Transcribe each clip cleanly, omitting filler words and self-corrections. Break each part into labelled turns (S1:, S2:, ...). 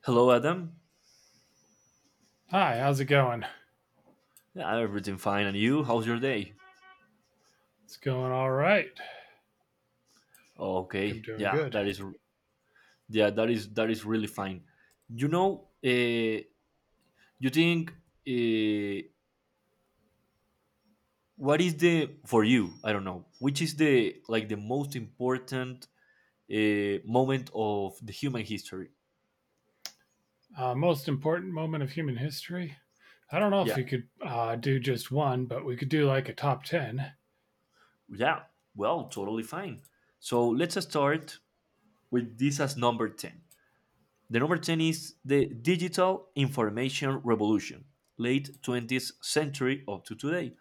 S1: Hello, Adam.
S2: Hi, how's it going?
S1: Yeah, everything fine, and you? How's your day?
S2: It's going all right. I think I'm
S1: Okay,
S2: doing
S1: yeah,
S2: good.
S1: that is, yeah, that is really fine. You know, uh, you think, uh, what is the for you? I don't know. Which is the like the most important moment of the human history?
S2: Most important moment of human history? I don't know if
S1: Yeah,
S2: we could do just one, but we could do like a top 10.
S1: yeah. Well, totally fine. So let's start with this as number ten. The number 10 is the digital information revolution, late 20th century up to today.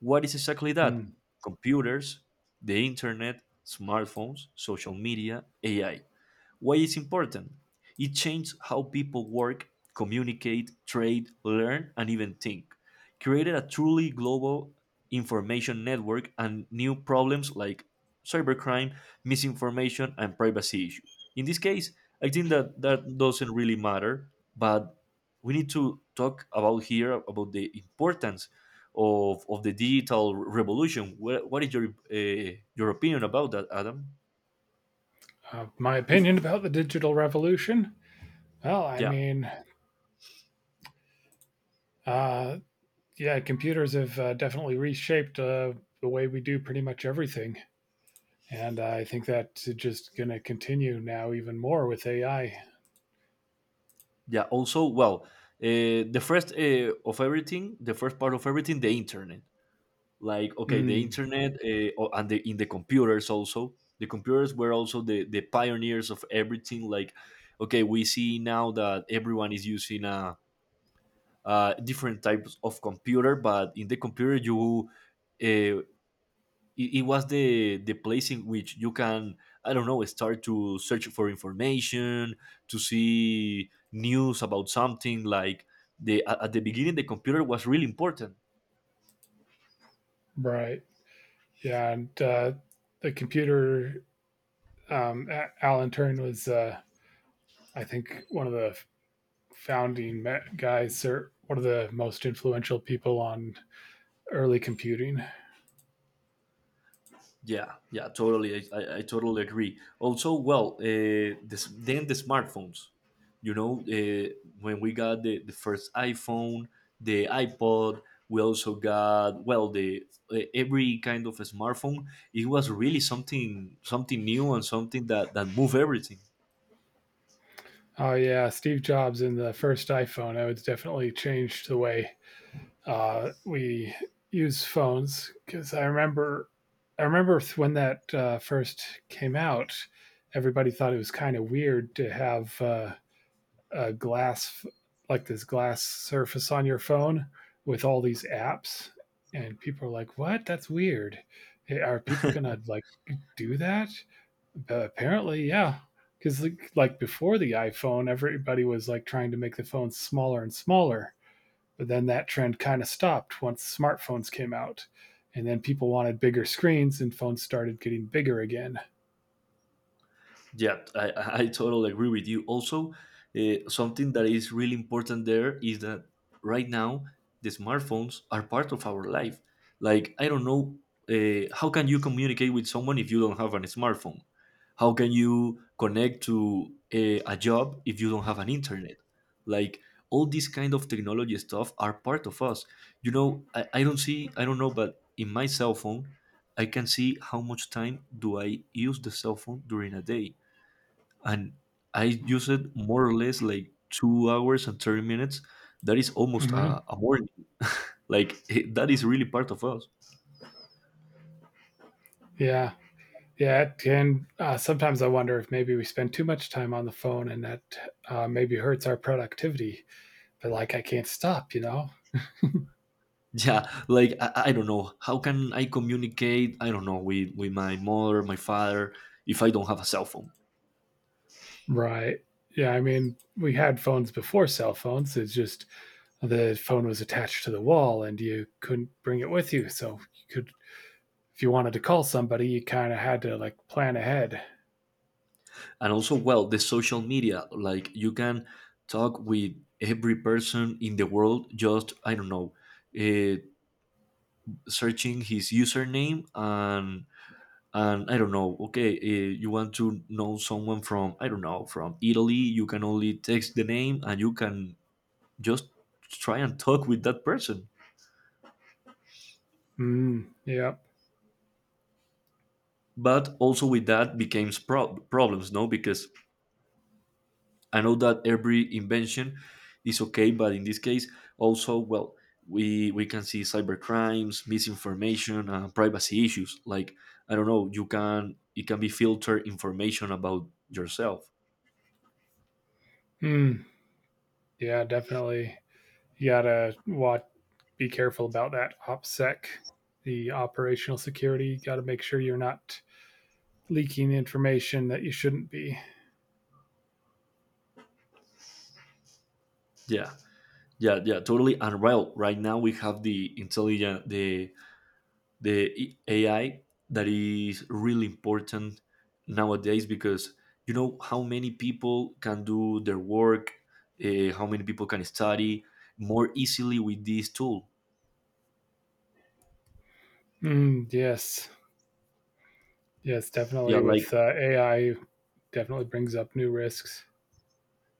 S1: What is exactly that?
S2: Hmm.
S1: Computers, the internet, smartphones, social media, AI. Why it's important? It changed how people work, communicate, trade, learn, and even think. Created a truly global information network and new problems like cybercrime, misinformation, and privacy issue. In this case, I think that doesn't really matter, but we need to talk about here about the importance of the digital revolution. What is your opinion about that, Adam?
S2: My opinion about the digital revolution? Well, I
S1: Yeah.
S2: mean, uh, yeah, computers have definitely reshaped the way we do pretty much everything. And I think that's just going to continue now even more with AI.
S1: Yeah also, well, the first of everything the first part of everything, the internet, like, okay, the
S2: Hmm.
S1: internet, o- and the in the computers also, the computers were also the pioneers of everything. Like, okay, we see now that everyone is using a different types of computer, but in the computer you uh, it was the place in which you can, I don't know, start to search for information, to see news about something. Like at the beginning the computer was really important.
S2: Right. Yeah. And the computer um, Alan Turing was, I think, one of the founding guys or one of the most influential people on early computing.
S1: Yeah, yeah, totally. I totally agree. Also, well, this, then the smartphones. You know, when we got the first iPhone, the iPod, we also got well the every kind of a smartphone. It was really something new and something that moved everything.
S2: Oh yeah, Steve Jobs and the first iPhone, I would definitely changed the way we use phones because I remember when that first came out. Everybody thought it was kind of weird to have a glass, like this glass surface on your phone with all these apps, and people are like, what, that's weird. Hey, are people gonna like do that? But apparently, yeah, because like before the iphone, everybody was like trying to make the phone smaller and smaller. But then that trend kind of stopped once smartphones came out, and then people wanted bigger screens, and phones started getting bigger again.
S1: Yeah, I totally agree with you. Also, something that is really important there is that right now the smartphones are part of our life. Like, I don't know, how can you communicate with someone if you don't have a smartphone? How can you connect to a job if you don't have an internet? Like, all these kind of technology stuff are part of us. I don't see, I don't know, but in my cell phone, I can see how much time do I use the cell phone during a day, and I used it more or less like 2 hours and 30 minutes. That is almost
S2: Hmm.
S1: a morning. Like that is really part of us.
S2: Yeah. Yeah, and sometimes I wonder if maybe we spend too much time on the phone and that maybe hurts our productivity. But like, I can't stop, you know?
S1: Yeah, like I don't know. How can I communicate? I don't know, with my mother, my father, if I don't have a cell phone.
S2: Right. Yeah, I mean, we had phones before cell phones. It's just the phone was attached to the wall and you couldn't bring it with you. So you could, if you wanted to call somebody, you kind of had to like plan ahead.
S1: And also, well, the social media. Like, you can talk with every person in the world. Just, I don't know, uh, searching his username and, I don't know. Okay, you want to know someone from, I don't know, from Italy. You can only text the name, and you can just try and talk with that person.
S2: Mm, yep.
S1: But also with that became problems, no? Because I know that every invention is okay, but in this case, also, well, we can see cyber crimes, misinformation, and privacy issues. Like, I don't know, you can it can be filtered information about yourself.
S2: Mm, yeah, definitely. You gotta watch, be careful about that OPSEC, the operational security. Got to make sure you're not leaking information that you shouldn't be.
S1: Yeah. Yeah, yeah, totally. And, well, right now we have the intelligent the AI, that is really important nowadays, because you know how many people can do their work, how many people can study more easily with this tool.
S2: Mm, yes, yes,
S1: yeah
S2: definitely.
S1: like
S2: With AI, definitely brings up new risks.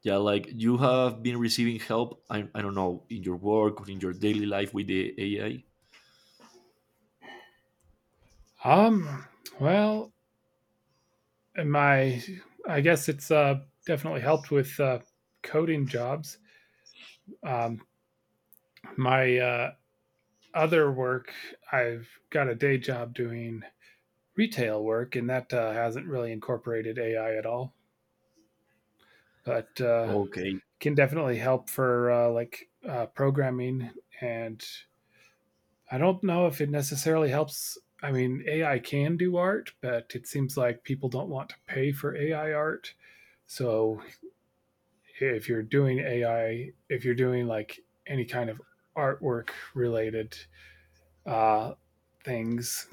S1: yeah, like, you have been receiving help, I don't know, in your work or in your daily life with the AI?
S2: Um, well, my, I guess it's definitely helped with coding jobs. Um, my other work, I've got a day job doing retail work, and that hasn't really incorporated AI at all. But
S1: Okay.
S2: can definitely help for like programming. And I don't know if it necessarily helps. I mean, AI can do art, but it seems like people don't want to pay for AI art. So if you're doing AI, if you're doing like any kind of artwork related uh, things,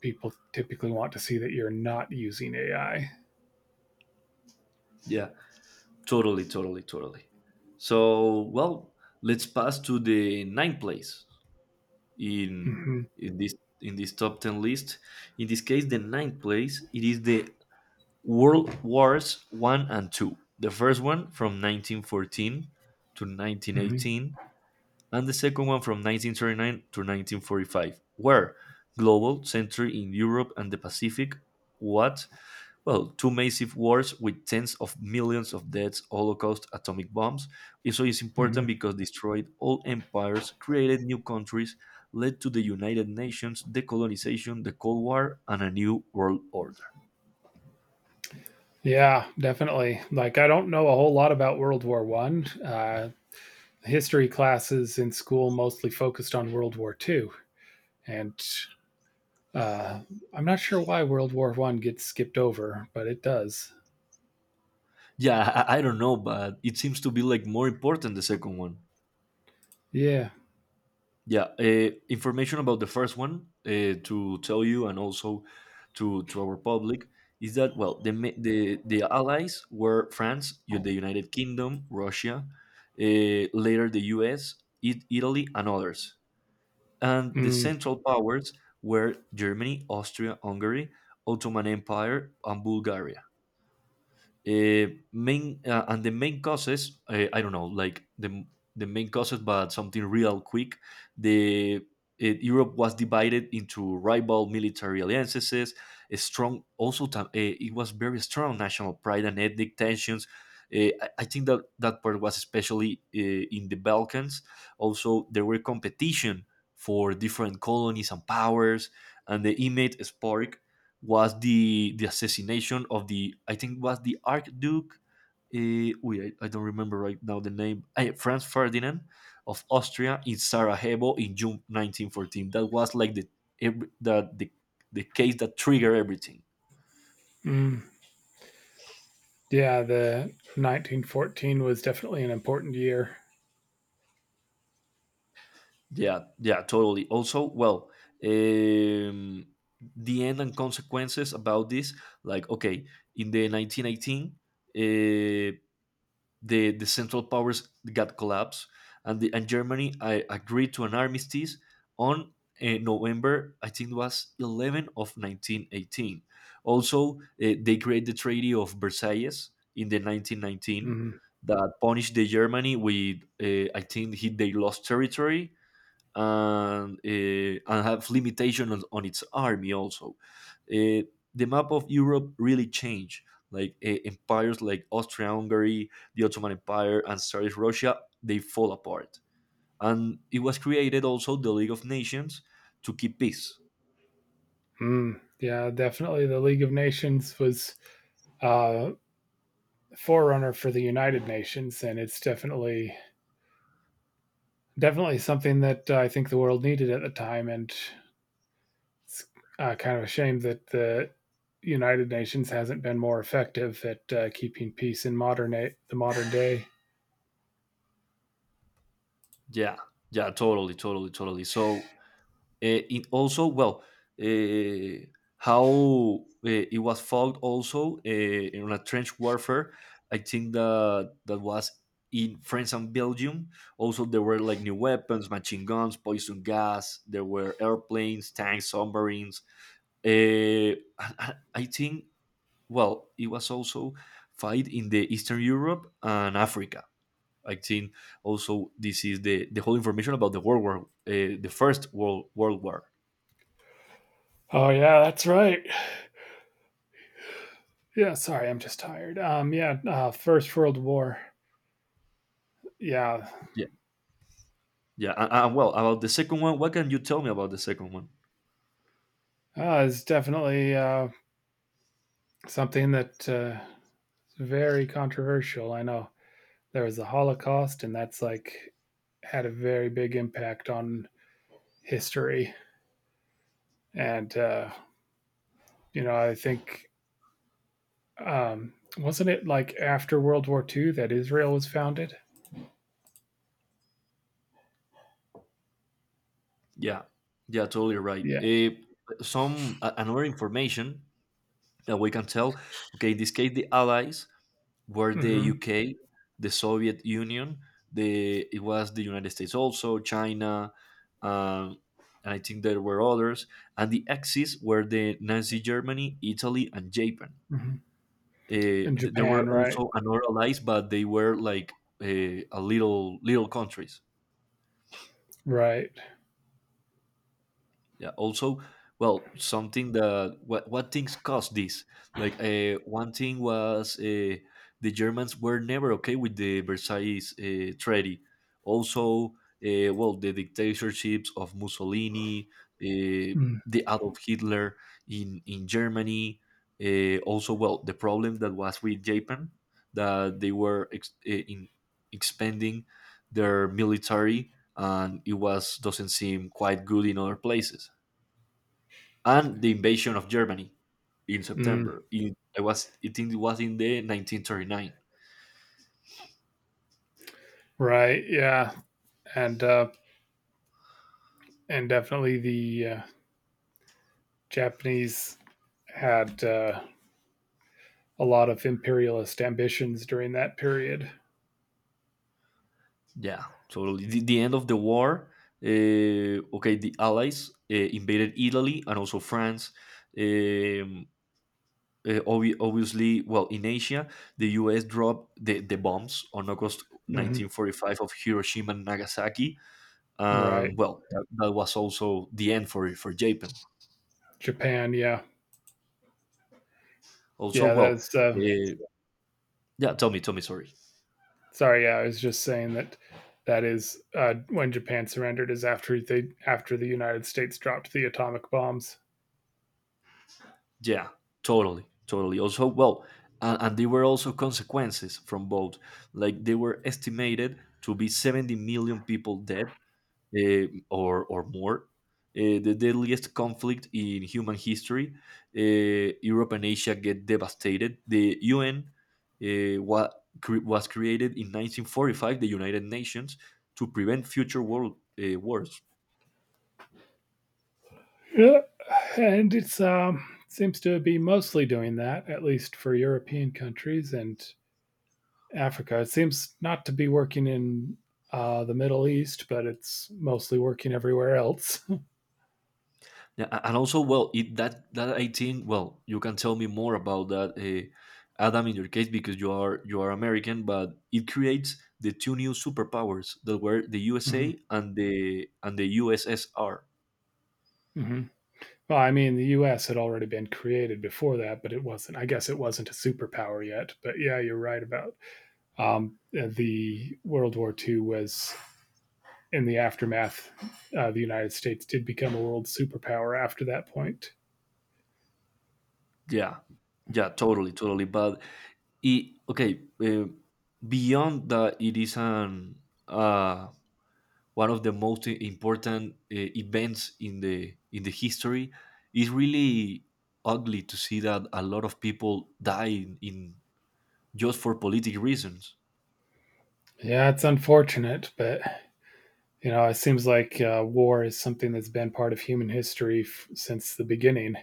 S2: people typically want to see that you're not using AI.
S1: yeah Totally. So, well, let's pass to the ninth place in
S2: Hmm.
S1: in this in this top 10 list. In this case, the ninth place, it is the world wars 1 and 2. The first one from 1914 to
S2: Hmm.
S1: 1918, and the second one from 1939 to 1945, where global century in Europe and the Pacific. What, well, two massive wars with tens of millions of deaths, Holocaust, atomic bombs. So it's important
S2: Hmm.
S1: because destroyed old empires, created new countries, led to the United Nations, decolonization, the Cold War, and a new world order.
S2: Yeah, definitely. Like I don't know a whole lot about World War One. History classes in school mostly focused on World War Two, and uh, I'm not sure why World War One gets skipped over, but it does.
S1: Yeah, I don't know, but it seems to be like more important the second one.
S2: Yeah.
S1: Yeah, information about the first one, to tell you and also to our public, is that well the ma- the allies were France, the United Kingdom, Russia, later the U.S., it, Italy, and others. And the
S2: Mm,
S1: central powers were Germany, Austria, Hungary, Ottoman Empire, and Bulgaria. Main and the main causes, I don't know, like the main causes, but something real quick: the Europe was divided into rival military alliances. A strong, also, it was very strong national pride and ethnic tensions. Uh, I think that that part was especially, in the Balkans. Also, there were competition for different colonies and powers, and the image spark was the assassination of the, I think was the Archduke. Wait, I don't remember right now the name. Eh, Franz Ferdinand of Austria in Sarajevo in June 1914. That was like every, the, the the case that triggered everything.
S2: mm. Yeah, the 1914 was definitely an important year.
S1: Yeah, yeah, totally. Also, well, um, the end and consequences about this, like, okay, in the 1918, uh, the Central Powers got collapsed, and Germany, agreed to an armistice on, November, I think it was 11 of 1918. Also, they created the Treaty of Versailles in the 1919
S2: Mm,
S1: that punished the Germany with, I think they lost territory, and, and have limitation on its army also. Uh, the map of Europe really changed. Like, empires like Austria-Hungary, the Ottoman Empire, and Tsarist Russia, they fall apart. And it was created also the League of Nations to keep peace.
S2: mm. Yeah, definitely. The League of Nations was a forerunner for the United Nations, and it's definitely something that I think the world needed at the time. And it's kind of a shame that the United Nations hasn't been more effective at keeping peace in the modern day.
S1: Yeah, yeah, totally. So, uh, it also, well, uh, how, it was fought also, in a trench warfare. I think that was in France and Belgium. Also, there were like new weapons, machine guns, poison gas. There were airplanes, tanks, submarines. I think, well, it was also fight in the Eastern Europe and Africa. I think also this is the whole information about the World War, the first World War.
S2: Oh yeah, that's right. Yeah, sorry, I'm just tired. Yeah, First World War. Yeah,
S1: Yeah, well, about the second one, what can you tell me about the second one?
S2: is definitely something that is very controversial. I know there was the Holocaust, and that's like had a very big impact on history. And I think. Wasn't it like after World War II that Israel was founded?
S1: Yeah, yeah, totally right.
S2: Yeah.
S1: Some, another information that we can tell. Okay, in this case, the allies were the
S2: Hmm.
S1: UK, the Soviet Union, the it was the United States, also China, um, and I think there were others. And the axis were the Nazi Germany, Italy, and Japan.
S2: Hmm. In
S1: There were
S2: Japan, right?
S1: also another allies, but they were like, a little countries.
S2: Right.
S1: Yeah. Also, well, something that, what things caused this, like, one thing was, the Germans were never okay with the Versailles, treaty. Also, well, the dictatorships of Mussolini, uh,
S2: Mm.
S1: the Adolf Hitler in, Germany. Uh, also, well, the problem that was with Japan, that they were ex- eh, in expanding their military, and it was doesn't seem quite good in other places, and the invasion of Germany in
S2: Mm.
S1: September. I think it was in the 1939.
S2: Right. Yeah. And uh, and definitely the Japanese had a lot of imperialist ambitions during that period.
S1: Yeah. So, the end of the war. Okay, the Allies, invaded Italy and also France. Um, obviously, well, in Asia, the U.S. dropped the bombs on August
S2: Hmm.
S1: 1945 of Hiroshima and Nagasaki,
S2: Right.
S1: and, well, that was also the end for Japan.
S2: Japan. Yeah.
S1: Also,
S2: Yeah.
S1: well,
S2: That's
S1: yeah. Tell me, sorry.
S2: sorry. Yeah. I was just saying that that is when Japan surrendered is after the United States dropped the atomic bombs.
S1: Yeah, totally, totally. Also, well, and there were also consequences from both. Like, they were estimated to be 70 million people dead, eh, or more. Eh, the deadliest conflict in human history. Eh, Europe and Asia get devastated. The UN, was created in 1945, the United Nations, to prevent future world, eh, wars.
S2: Yeah, and it's, seems to be mostly doing that, at least for European countries and Africa. It seems not to be working in, the Middle East, but it's mostly working everywhere else.
S1: Yeah, and also, well, it, that, that I think, well, you can tell me more about that, Adam, in your case, because you are American, but it creates the two new superpowers that were the
S2: Mhm,
S1: USA and the USSR.
S2: mhm. Well, I mean, the US had already been created before that, but it wasn't I guess it wasn't a superpower yet. But yeah, you're right about, the World War II was in the aftermath. The United States did become a world superpower after that point.
S1: Yeah, yeah, totally, totally. But, it, okay, beyond that, it is an, uh, one of the most important, events in the history. It's really ugly to see that a lot of people die in, just for political reasons.
S2: Yeah, it's unfortunate, but it seems like war is something that's been part of human history since the beginning,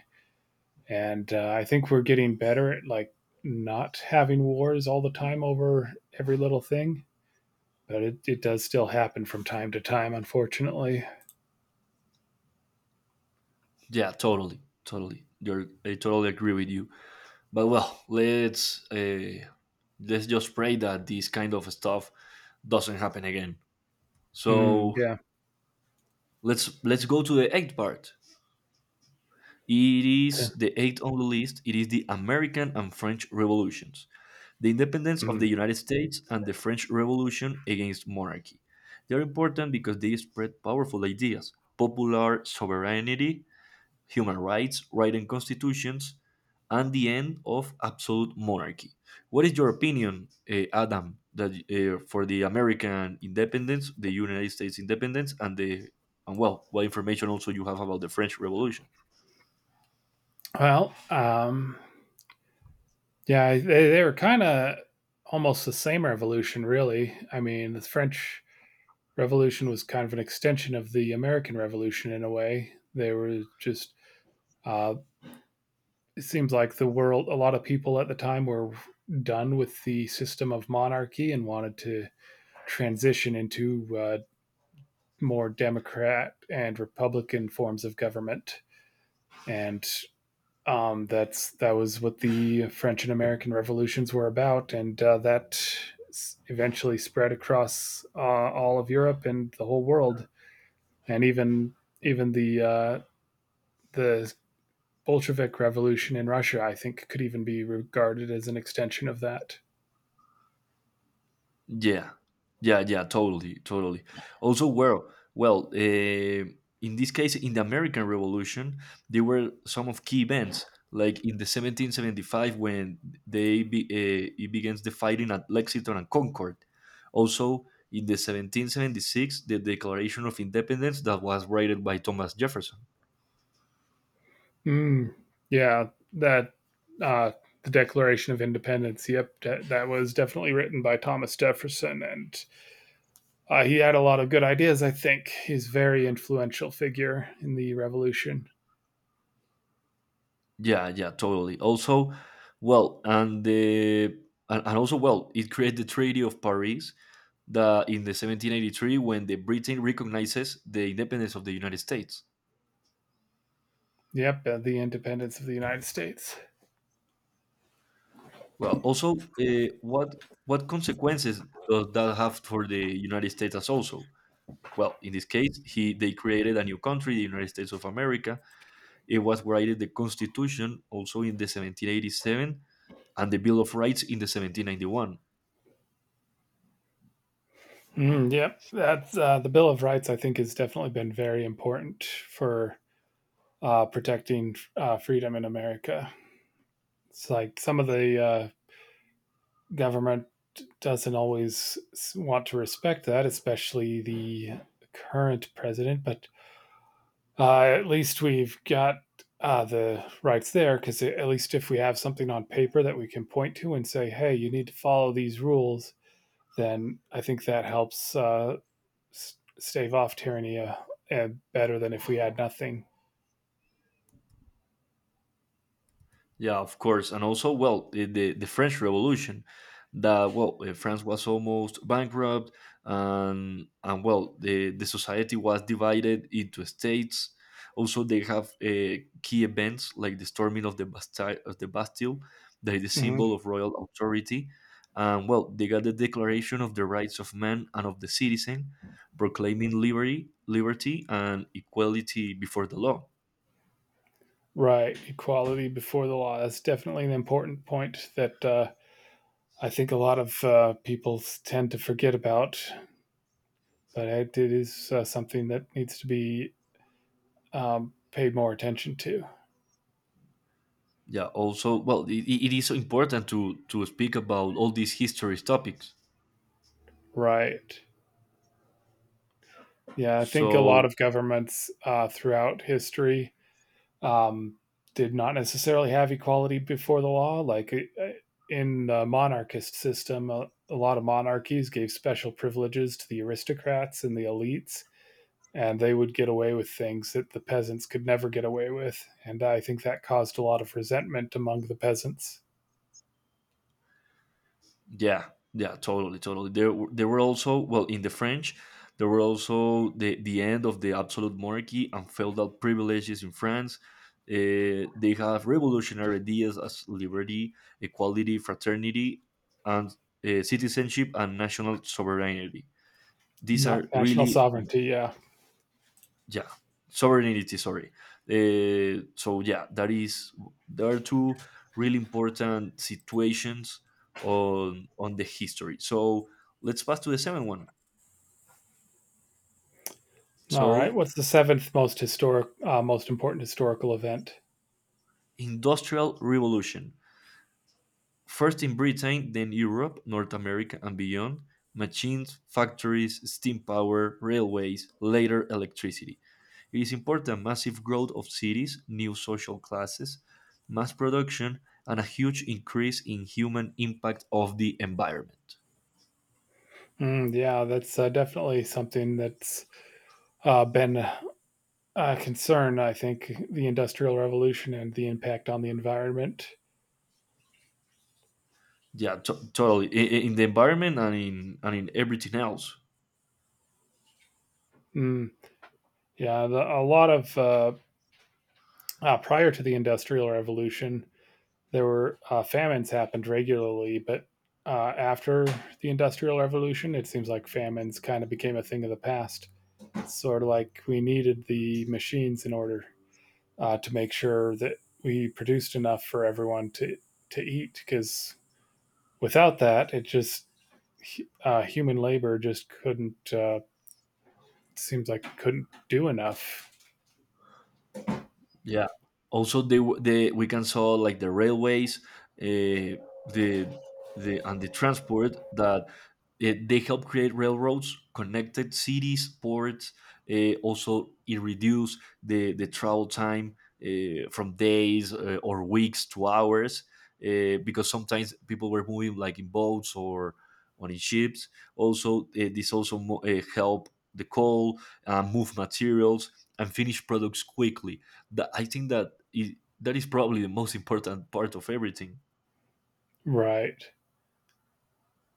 S2: and I think we're getting better at like not having wars all the time over every little thing, but it does still happen from time to time, unfortunately.
S1: Yeah, totally, totally. You're, I totally agree with you. But, well, let's just pray that this kind of stuff doesn't happen again.
S2: Mm,
S1: So,
S2: yeah.
S1: let's go to the eighth part. It is the eighth on the list. It is the American and French revolutions. The independence of the
S2: Mm.
S1: United States and the French Revolution against monarchy. They are important because they spread powerful ideas: popular sovereignty, human rights, writing constitutions, and the end of absolute monarchy. What is your opinion, Adam, that for the American independence, the United States independence, and the what information also you have about the French Revolution?
S2: Well, yeah, they were kind of almost the same revolution, really. I mean, the French revolution was kind of an extension of the American Revolution in a way. They were just uh, it seems like the world, a lot of people at the time were done with the system of monarchy and wanted to transition into more democrat and republican forms of government. And that was what the french and american revolutions were about. And that eventually spread across all of europe and the whole world. And even the Bolshevik Revolution in Russia, I think, could even be regarded as an extension of that.
S1: Yeah, yeah, yeah, totally, totally. Also, in this case, in the American Revolution, there were some of key events, like in the 1775 when it begins the fighting at Lexington and Concord. Also, in the 1776, the Declaration of Independence that was written by Thomas Jefferson.
S2: Mm, yeah, that uh, the Declaration of Independence. Yep, that was definitely written by Thomas Jefferson, and he had a lot of good ideas. I think he's a very influential figure in the Revolution.
S1: Yeah, yeah, totally. Also, well, and the and also well, it created the Treaty of Paris that in the 1783 when the Britain recognizes the independence of the United States.
S2: Yep, the independence of the United States.
S1: Well, also, what consequences does that have for the United States as also? Well, in this case, he they created a new country, the United States of America. It was created the Constitution also in the 1787 and the Bill of Rights in the 1791.
S2: Mm, yep, that's the Bill of Rights. I think has definitely been very important for protecting freedom in America. It's like some of the government doesn't always want to respect that, especially the current president. But at least we've got the rights there, because at least if we have something on paper that we can point to and say, hey, you need to follow these rules, then I think that helps stave off tyranny better than if we had nothing.
S1: Yeah, of course, and also, well, the French Revolution, that well, France was almost bankrupt, and the society was divided into states. Also, they have key events like the storming of the Bastille, that is the symbol
S2: Mhm.
S1: of royal authority. And well, they got the Declaration of the Rights of Man and of the Citizen, proclaiming liberty, liberty and equality before the law.
S2: Right, equality before the law. That's definitely an important point that I think a lot of people tend to forget about, but it is something that needs to be paid more attention to.
S1: Also, it is important to speak about all these history topics.
S2: Right. Yeah, I think a lot
S1: So
S2: of governments throughout history um, did not necessarily have equality before the law. Like in the monarchist system, a lot of monarchies gave special privileges to the aristocrats and the elites, and they would get away with things that the peasants could never get away with. And I think that caused a lot of resentment among the peasants.
S1: yeah, yeah, totally, totally. There were there were also, well, in the French there were also the end of the absolute monarchy and feudal privileges in France. They have revolutionary ideas as liberty, equality, fraternity and citizenship and national sovereignty. These are
S2: Not national
S1: really,
S2: sovereignty, yeah.
S1: yeah, sovereignty, sorry. So yeah, that is, there are two really important situations on the history. So let's pass to the seventh one.
S2: All right.
S1: So
S2: What's the seventh most important historical event?
S1: industrial revolution. First in Britain, then Europe, North America, and beyond, machines, factories, steam power, railways, later electricity. It is important: massive growth of cities, new social classes, mass production, and a huge increase in human impact of the environment.
S2: Mm, yeah, that's definitely something that's been a concern. I think the Industrial Revolution and the impact on the environment.
S1: Totally. In the environment and in everything else.
S2: Mm, yeah, a lot of prior to the Industrial Revolution, there were famines happened regularly, but after the Industrial Revolution, it seems like famines kind of became a thing of the past. It's sort of like we needed the machines in order to make sure that we produced enough for everyone to eat, because without that, it just human labor just couldn't seems like couldn't do enough.
S1: Yeah. Also, they w- the we can saw like the railways, uh, the the transport that they help create railroads, connected cities, ports. Also, it reduce the travel time from days or weeks to hours, because sometimes people were moving like in boats or on in ships. Also, this also help the coal, move materials and finish products quickly, that I think that is probably the most important part of everything.
S2: Right?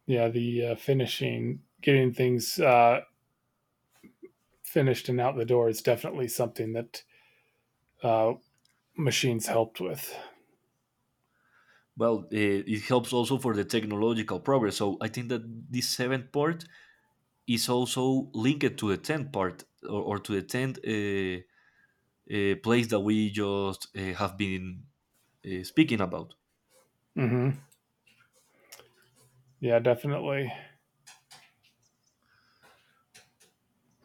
S2: Yeah, the finishing, getting things finished and out the door is definitely something that uh, machines helped with.
S1: Well, it helps also for the technological progress. So I think that this seventh part is also linked to the tenth part or to the tenth place that we just have been speaking about.
S2: Hmm. Yeah, definitely.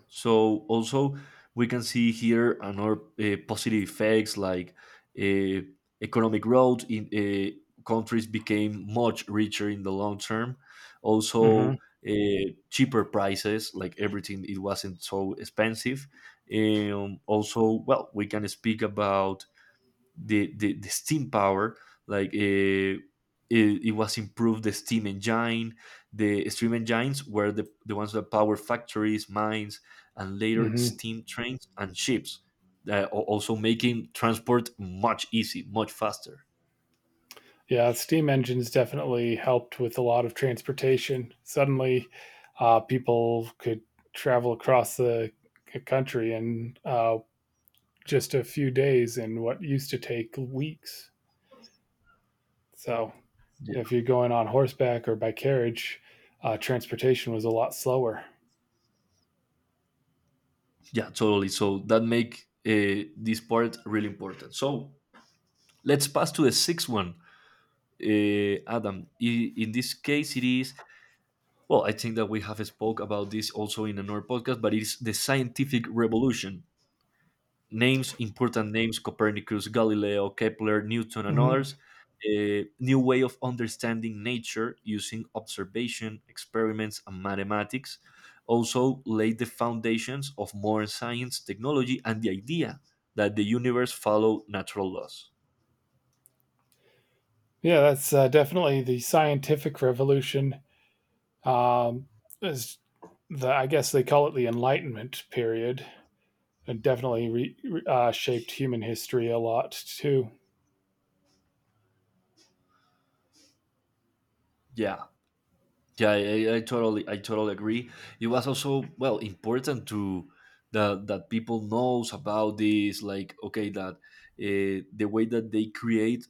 S1: So also we can see here another positive effects like uh, economic growth in countries became much richer in the long term.
S2: Hmm.
S1: Also, cheaper prices, like everything, it wasn't so expensive. Also, we can speak about the steam power. like uh, it was improved the steam engine. The steam engines were the ones that power factories, mines and later
S2: Hmm.
S1: steam trains and ships, also making transport much easy, much faster.
S2: Yeah, steam engines definitely helped with a lot of transportation. Suddenly, people could travel across the country in just a few days in what used to take weeks. So,
S1: Yeah,
S2: if you're going on horseback or by carriage, transportation was a lot slower.
S1: yeah, totally. So that make this part really important. So let's pass to the sixth one. Adam, in this case it is, well, I think that we have spoke about this also in another podcast, but it's the scientific revolution. Names, important names: Copernicus, Galileo, Kepler, Newton, and others.
S2: Hmm.
S1: A new way of understanding nature using observation, experiments, and mathematics. Also, laid the foundations of modern science, technology, and the idea that the universe follow natural laws.
S2: Yeah, that's definitely the scientific revolution. Um, is the I guess they call it the Enlightenment period. It definitely shaped human history a lot too.
S1: Yeah, yeah, I totally agree. It was also well important to that people knows about this, like okay, that the way that they create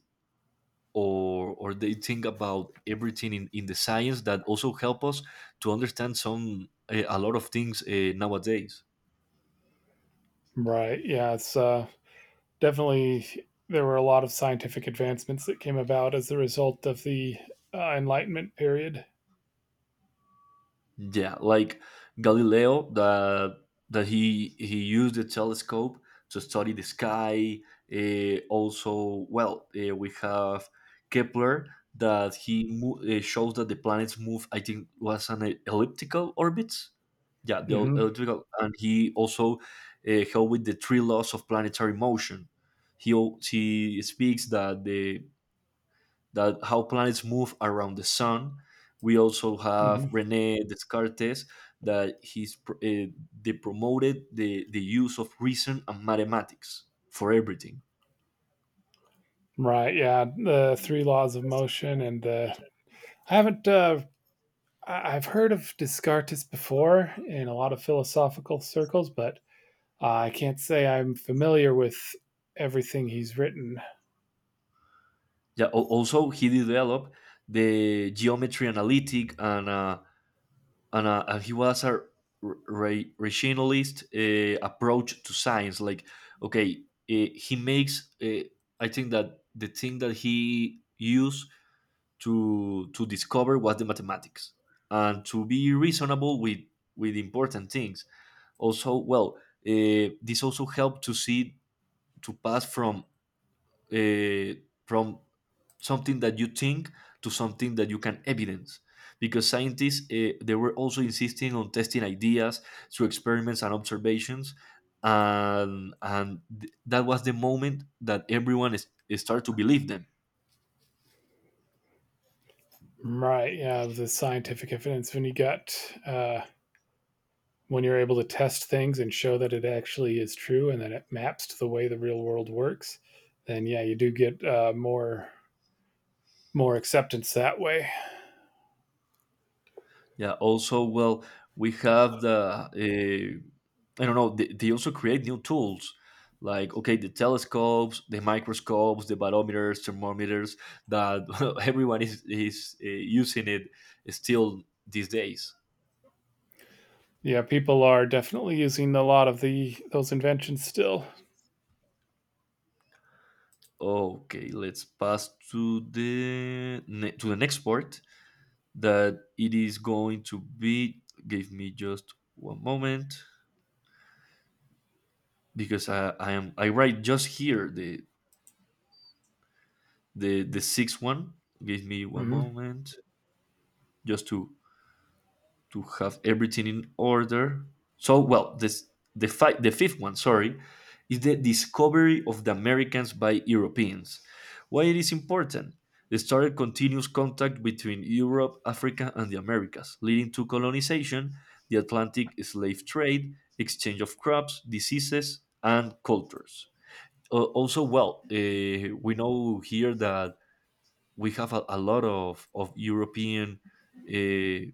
S1: or they think about everything in the science that also help us to understand some a lot of things nowadays.
S2: Right? Yeah, it's definitely there were a lot of scientific advancements that came about as the result of the Enlightenment period.
S1: Yeah, like Galileo, that he used the telescope to study the sky. Also, well, we have Kepler that he shows that the planets move. I think was an elliptical orbits. Yeah,
S2: Hmm.
S1: elliptical, and he also helped with the three laws of planetary motion. He speaks that the, that how planets move around the sun. We also have
S2: Hmm.
S1: Rene Descartes, that they promoted the use of reason and mathematics for everything.
S2: Right? Yeah, the three laws of motion and the. I haven't. I've heard of Descartes before in a lot of philosophical circles, but I can't say I'm familiar with everything he's written.
S1: Yeah. Also, he developed the geometry analytic and and he was a rationalist approach to science. Like, okay, he makes. I think that the thing that he used to discover was the mathematics and to be reasonable with important things. Also, well, this also helped to see, to pass from uh, from something that you think to something that you can evidence, because scientists, they were also insisting on testing ideas through experiments and observations. And that was the moment that started to believe them.
S2: Right, yeah, of the scientific evidence, uh, when you're able to test things and show that it actually is true and that it maps to the way the real world works, then yeah, you do get more acceptance that way.
S1: Yeah. Also, well, we have the, I don't know. They also create new tools, like okay, the telescopes, the microscopes, the barometers, thermometers that everyone is using it still these days.
S2: Yeah, people are definitely using a lot of the those inventions still.
S1: Okay, let's pass to to the next part that it is going to be. Give me just one moment because I write just here the, the sixth one, give me one
S2: Hmm.
S1: moment just to have everything in order. So well, this, the fifth one, sorry, is the discovery of the Americans by Europeans. Why it is important? They started continuous contact between Europe, Africa, and the Americas, leading to colonization, the Atlantic slave trade, exchange of crops, diseases, and cultures. Also, well, we know here that we have a lot of European. Uh,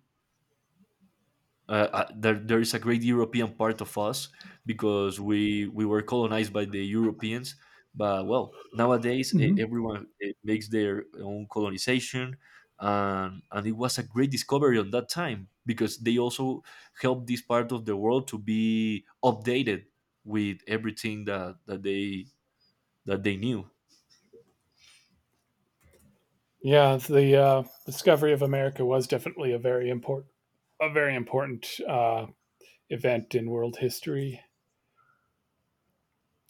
S1: there is a great European part of us because we were colonized by the Europeans. But well, nowadays
S2: Mm-hmm.
S1: everyone makes their own colonization, and it was a great discovery on that time because they also helped this part of the world to be updated with everything that they, that they knew.
S2: Yeah, the discovery of America was definitely a very important a very important event in world history.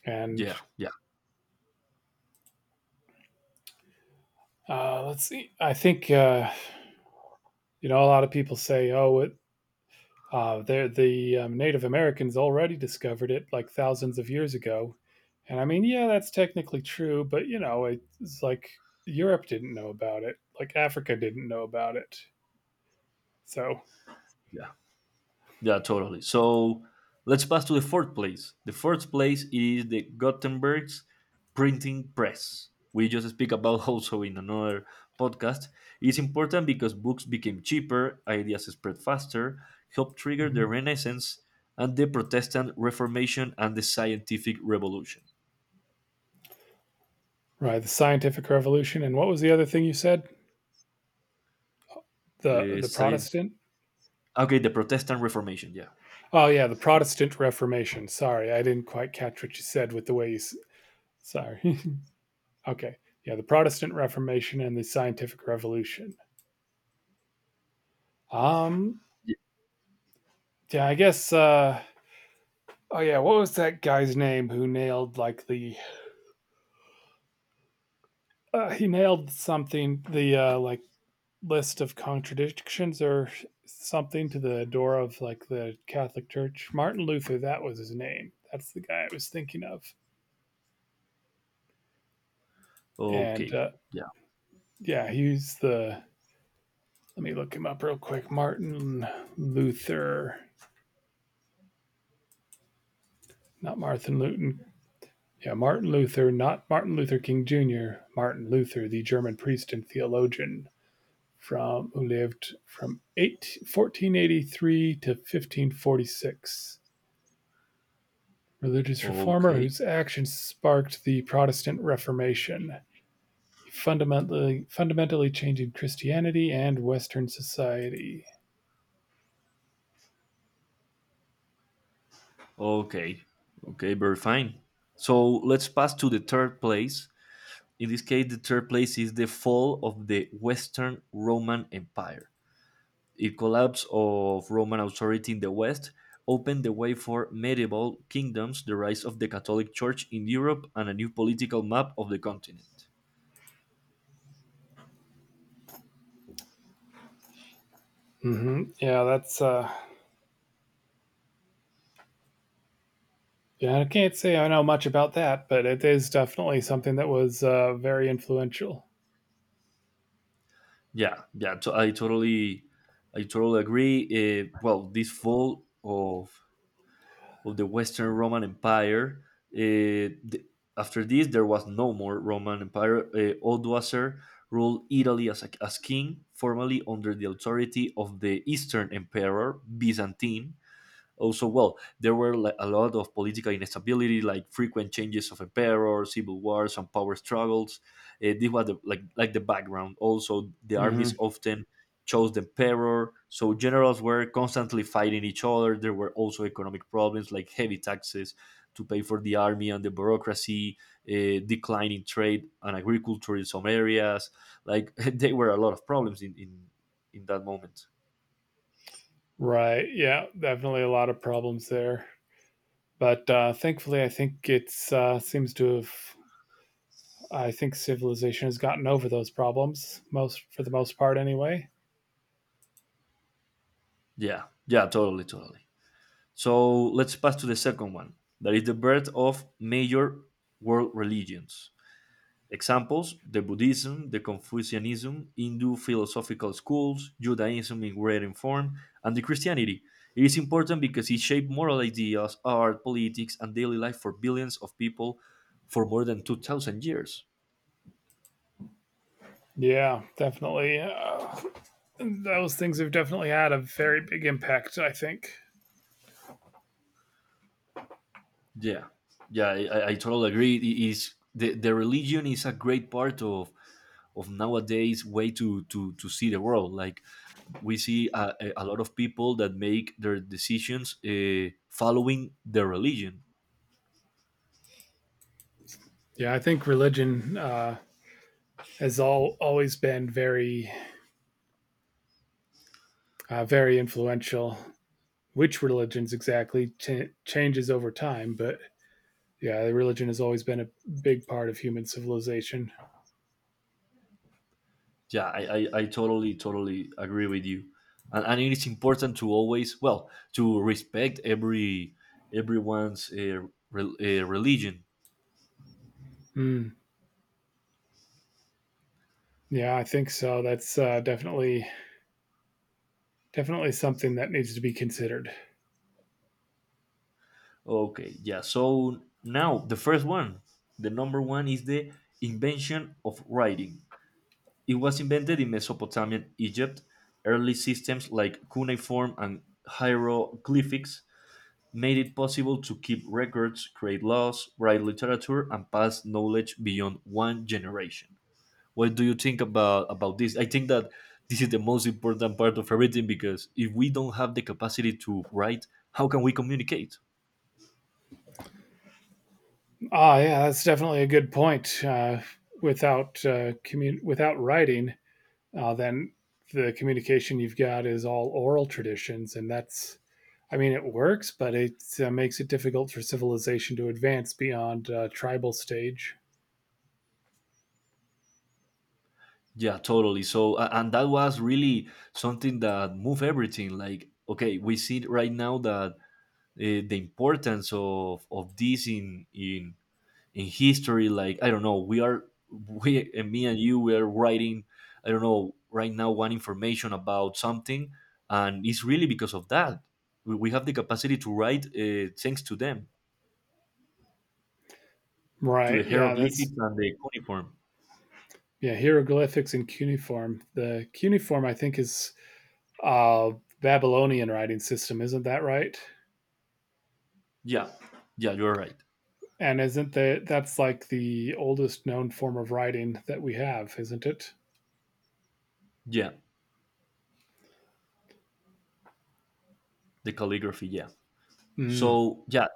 S2: And
S1: Yeah, yeah,
S2: let's see, I think uh, a lot of people say, "Oh, it, they're the Native Americans already discovered it like thousands of years ago," and I mean, yeah, that's technically true, but you know, it's like Europe didn't know about it, like Africa didn't know about it, so.
S1: yeah. Yeah, totally. So let's pass to the fourth place. The fourth place is the Gutenberg's printing press. We just speak about also in another podcast. It's important because books became cheaper, ideas spread faster, helped trigger the
S2: Mhm.
S1: Renaissance and the Protestant Reformation and the Scientific Revolution.
S2: Right, the scientific revolution, and what was the other thing you said? The
S1: The
S2: the
S1: science,
S2: Protestant.
S1: okay, the Protestant Reformation. Yeah.
S2: Oh yeah, the Protestant Reformation. Sorry, I didn't quite catch what you said with the way you. Sorry. Okay. Yeah, the Protestant Reformation and the Scientific Revolution. Um,
S1: Yeah.
S2: yeah, I guess oh yeah, what was that guy's name who nailed like the he nailed something the like list of contradictions or something to the door of like the Catholic Church. Martin Luther, that was his name. That's the guy I was thinking of. And
S1: Okay. Yeah.
S2: yeah, he's the. Let me look him up real quick. Martin Luther, not Martin Luton. Yeah, Martin Luther, not Martin Luther King Jr., Martin Luther, the German priest and theologian from who lived from 1483 to 1546. Religious reformer
S1: Okay.
S2: whose actions sparked the Protestant Reformation, fundamentally changing Christianity and Western society.
S1: Okay. Okay, very fine. So let's pass to the third place. In this case, the third place is the fall of the Western Roman Empire. The collapse of Roman authority in the West opened the way for medieval kingdoms, the rise of the Catholic Church in Europe, and a new political map of the continent.
S2: Hmm. Yeah, that's yeah. I can't say I know much about that, but it is definitely something that was very influential.
S1: Yeah, I totally agree. Well, this fall of the Western Roman Empire. Uh, th- After this, there was no more Roman Empire. Odoacer ruled Italy as king, formally under the authority of the Eastern Emperor, Byzantine. Also, well, there were like a lot of political instability, like frequent changes of emperor, civil wars and power struggles. This was the, like the background. Also the armies
S2: Hmm.
S1: often chose the emperor, so generals were constantly fighting each other. There were also economic problems like heavy taxes to pay for the army and the bureaucracy, uh, declining trade and agriculture in some areas. Like there were a lot of problems in that moment.
S2: Right. Yeah, definitely a lot of problems there. But thankfully, I think it's seems to have. I think civilization has gotten over those problems most for the most part, anyway.
S1: Yeah, yeah, totally, totally. So let's pass to the second one. That is the birth of major world religions. Examples: the Buddhism, the Confucianism, Hindu philosophical schools, Judaism in written form, and the Christianity. It is important because it shaped moral ideas, art, politics, and daily life for billions of people for more than 2,000 years.
S2: Yeah, definitely. Those things have definitely had a very big impact. I think.
S1: Yeah, yeah, I totally agree. It is, the religion is a great part of nowadays way to, to see the world. Like we see lot of people that make their decisions following their religion.
S2: Yeah, I think religion has all always been very, very influential. Which religions exactly changes over time, but yeah, religion has always been a big part of human civilization.
S1: Yeah, I totally, totally agree with you. And it is important to always, well, to respect every everyone's religion.
S2: Mm, yeah, I think so. That's definitely something that needs to be considered.
S1: Okay, yeah. So now the first one, the number one is the invention of writing. It was invented in Mesopotamian Egypt. Early systems like cuneiform and hieroglyphics made it possible to keep records, create laws, write literature, and pass knowledge beyond one generation. What do you think about this? I think that this is the most important part of everything, because if we don't have the capacity to write, how can we communicate?
S2: Ah, yeah, that's definitely a good point. Without without writing, then the communication you've got is all oral traditions, and that's, I mean, it works, but it makes it difficult for civilization to advance beyond tribal stage.
S1: Yeah, totally. So and that was really something that moved everything. Like, okay, we see right now that the importance of this in history. Like I don't know, we are, we and me and you we are writing, I don't know, right now one information about something, and it's really because of that we have the capacity to write thanks to them, to
S2: Right.
S1: the
S2: Yeah. That's
S1: hieroglyphics and the cuneiform.
S2: Yeah. Hieroglyphics and cuneiform. The cuneiform, I think, is uh, Babylonian writing system. Isn't that right?
S1: Yeah, yeah, you're right.
S2: And isn't that that's like the oldest known form of writing that we have, isn't it?
S1: Yeah, the calligraphy, yeah.
S2: Mm.
S1: So yeah,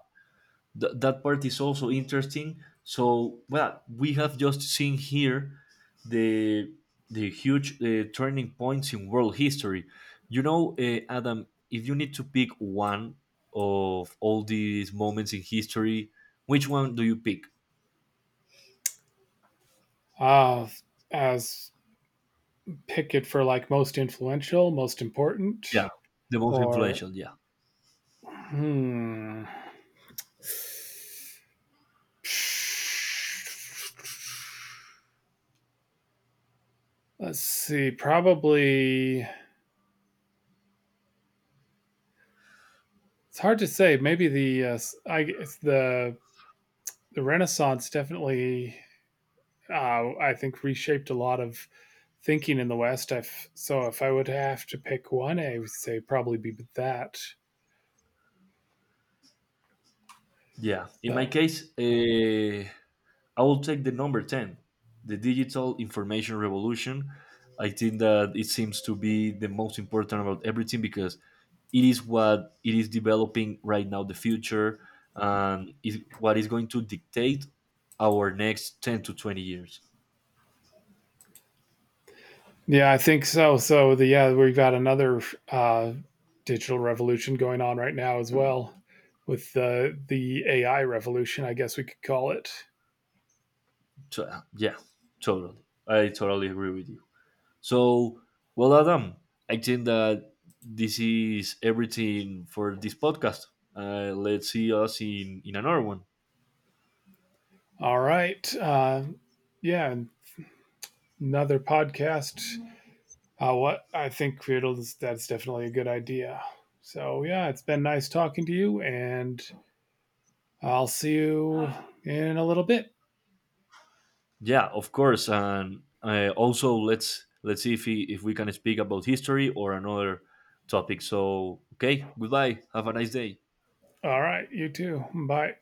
S1: That part is also interesting. So, well, we have just seen here the the huge turning points in world history. You know, Adam, if you need to pick one of all these moments in history, which one do you pick?
S2: Uh, as pick it for like most influential, most important,
S1: Yeah. The most
S2: or
S1: influential, yeah.
S2: hmm, let's see, probably it's hard to say. Maybe the I guess the Renaissance definitely I think reshaped a lot of thinking in the West. I've, so if I would have to pick one, I would say probably be that.
S1: Yeah. In my
S2: So
S1: case, I will take the number 10, the digital information revolution. I think that it seems to be the most important about everything because it is what it is developing right now, the future, and is what is going to dictate our next 10 to 20 years.
S2: yeah, I think so. So the yeah, we've got another uh, digital revolution going on right now as well, with the AI revolution, I guess we could call it.
S1: So, yeah, totally. I totally agree with you. So, well, Adam, I think that this is everything for this podcast. Let's see us in another one.
S2: All right, yeah, another podcast. What I think Creatles, that's definitely a good idea. So yeah, it's been nice talking to you, and I'll see you in a little bit.
S1: Yeah, of course. And also, let's see if he, if we can speak about history or another topic. So, okay, goodbye. Have a nice day.
S2: All right, you too. Bye.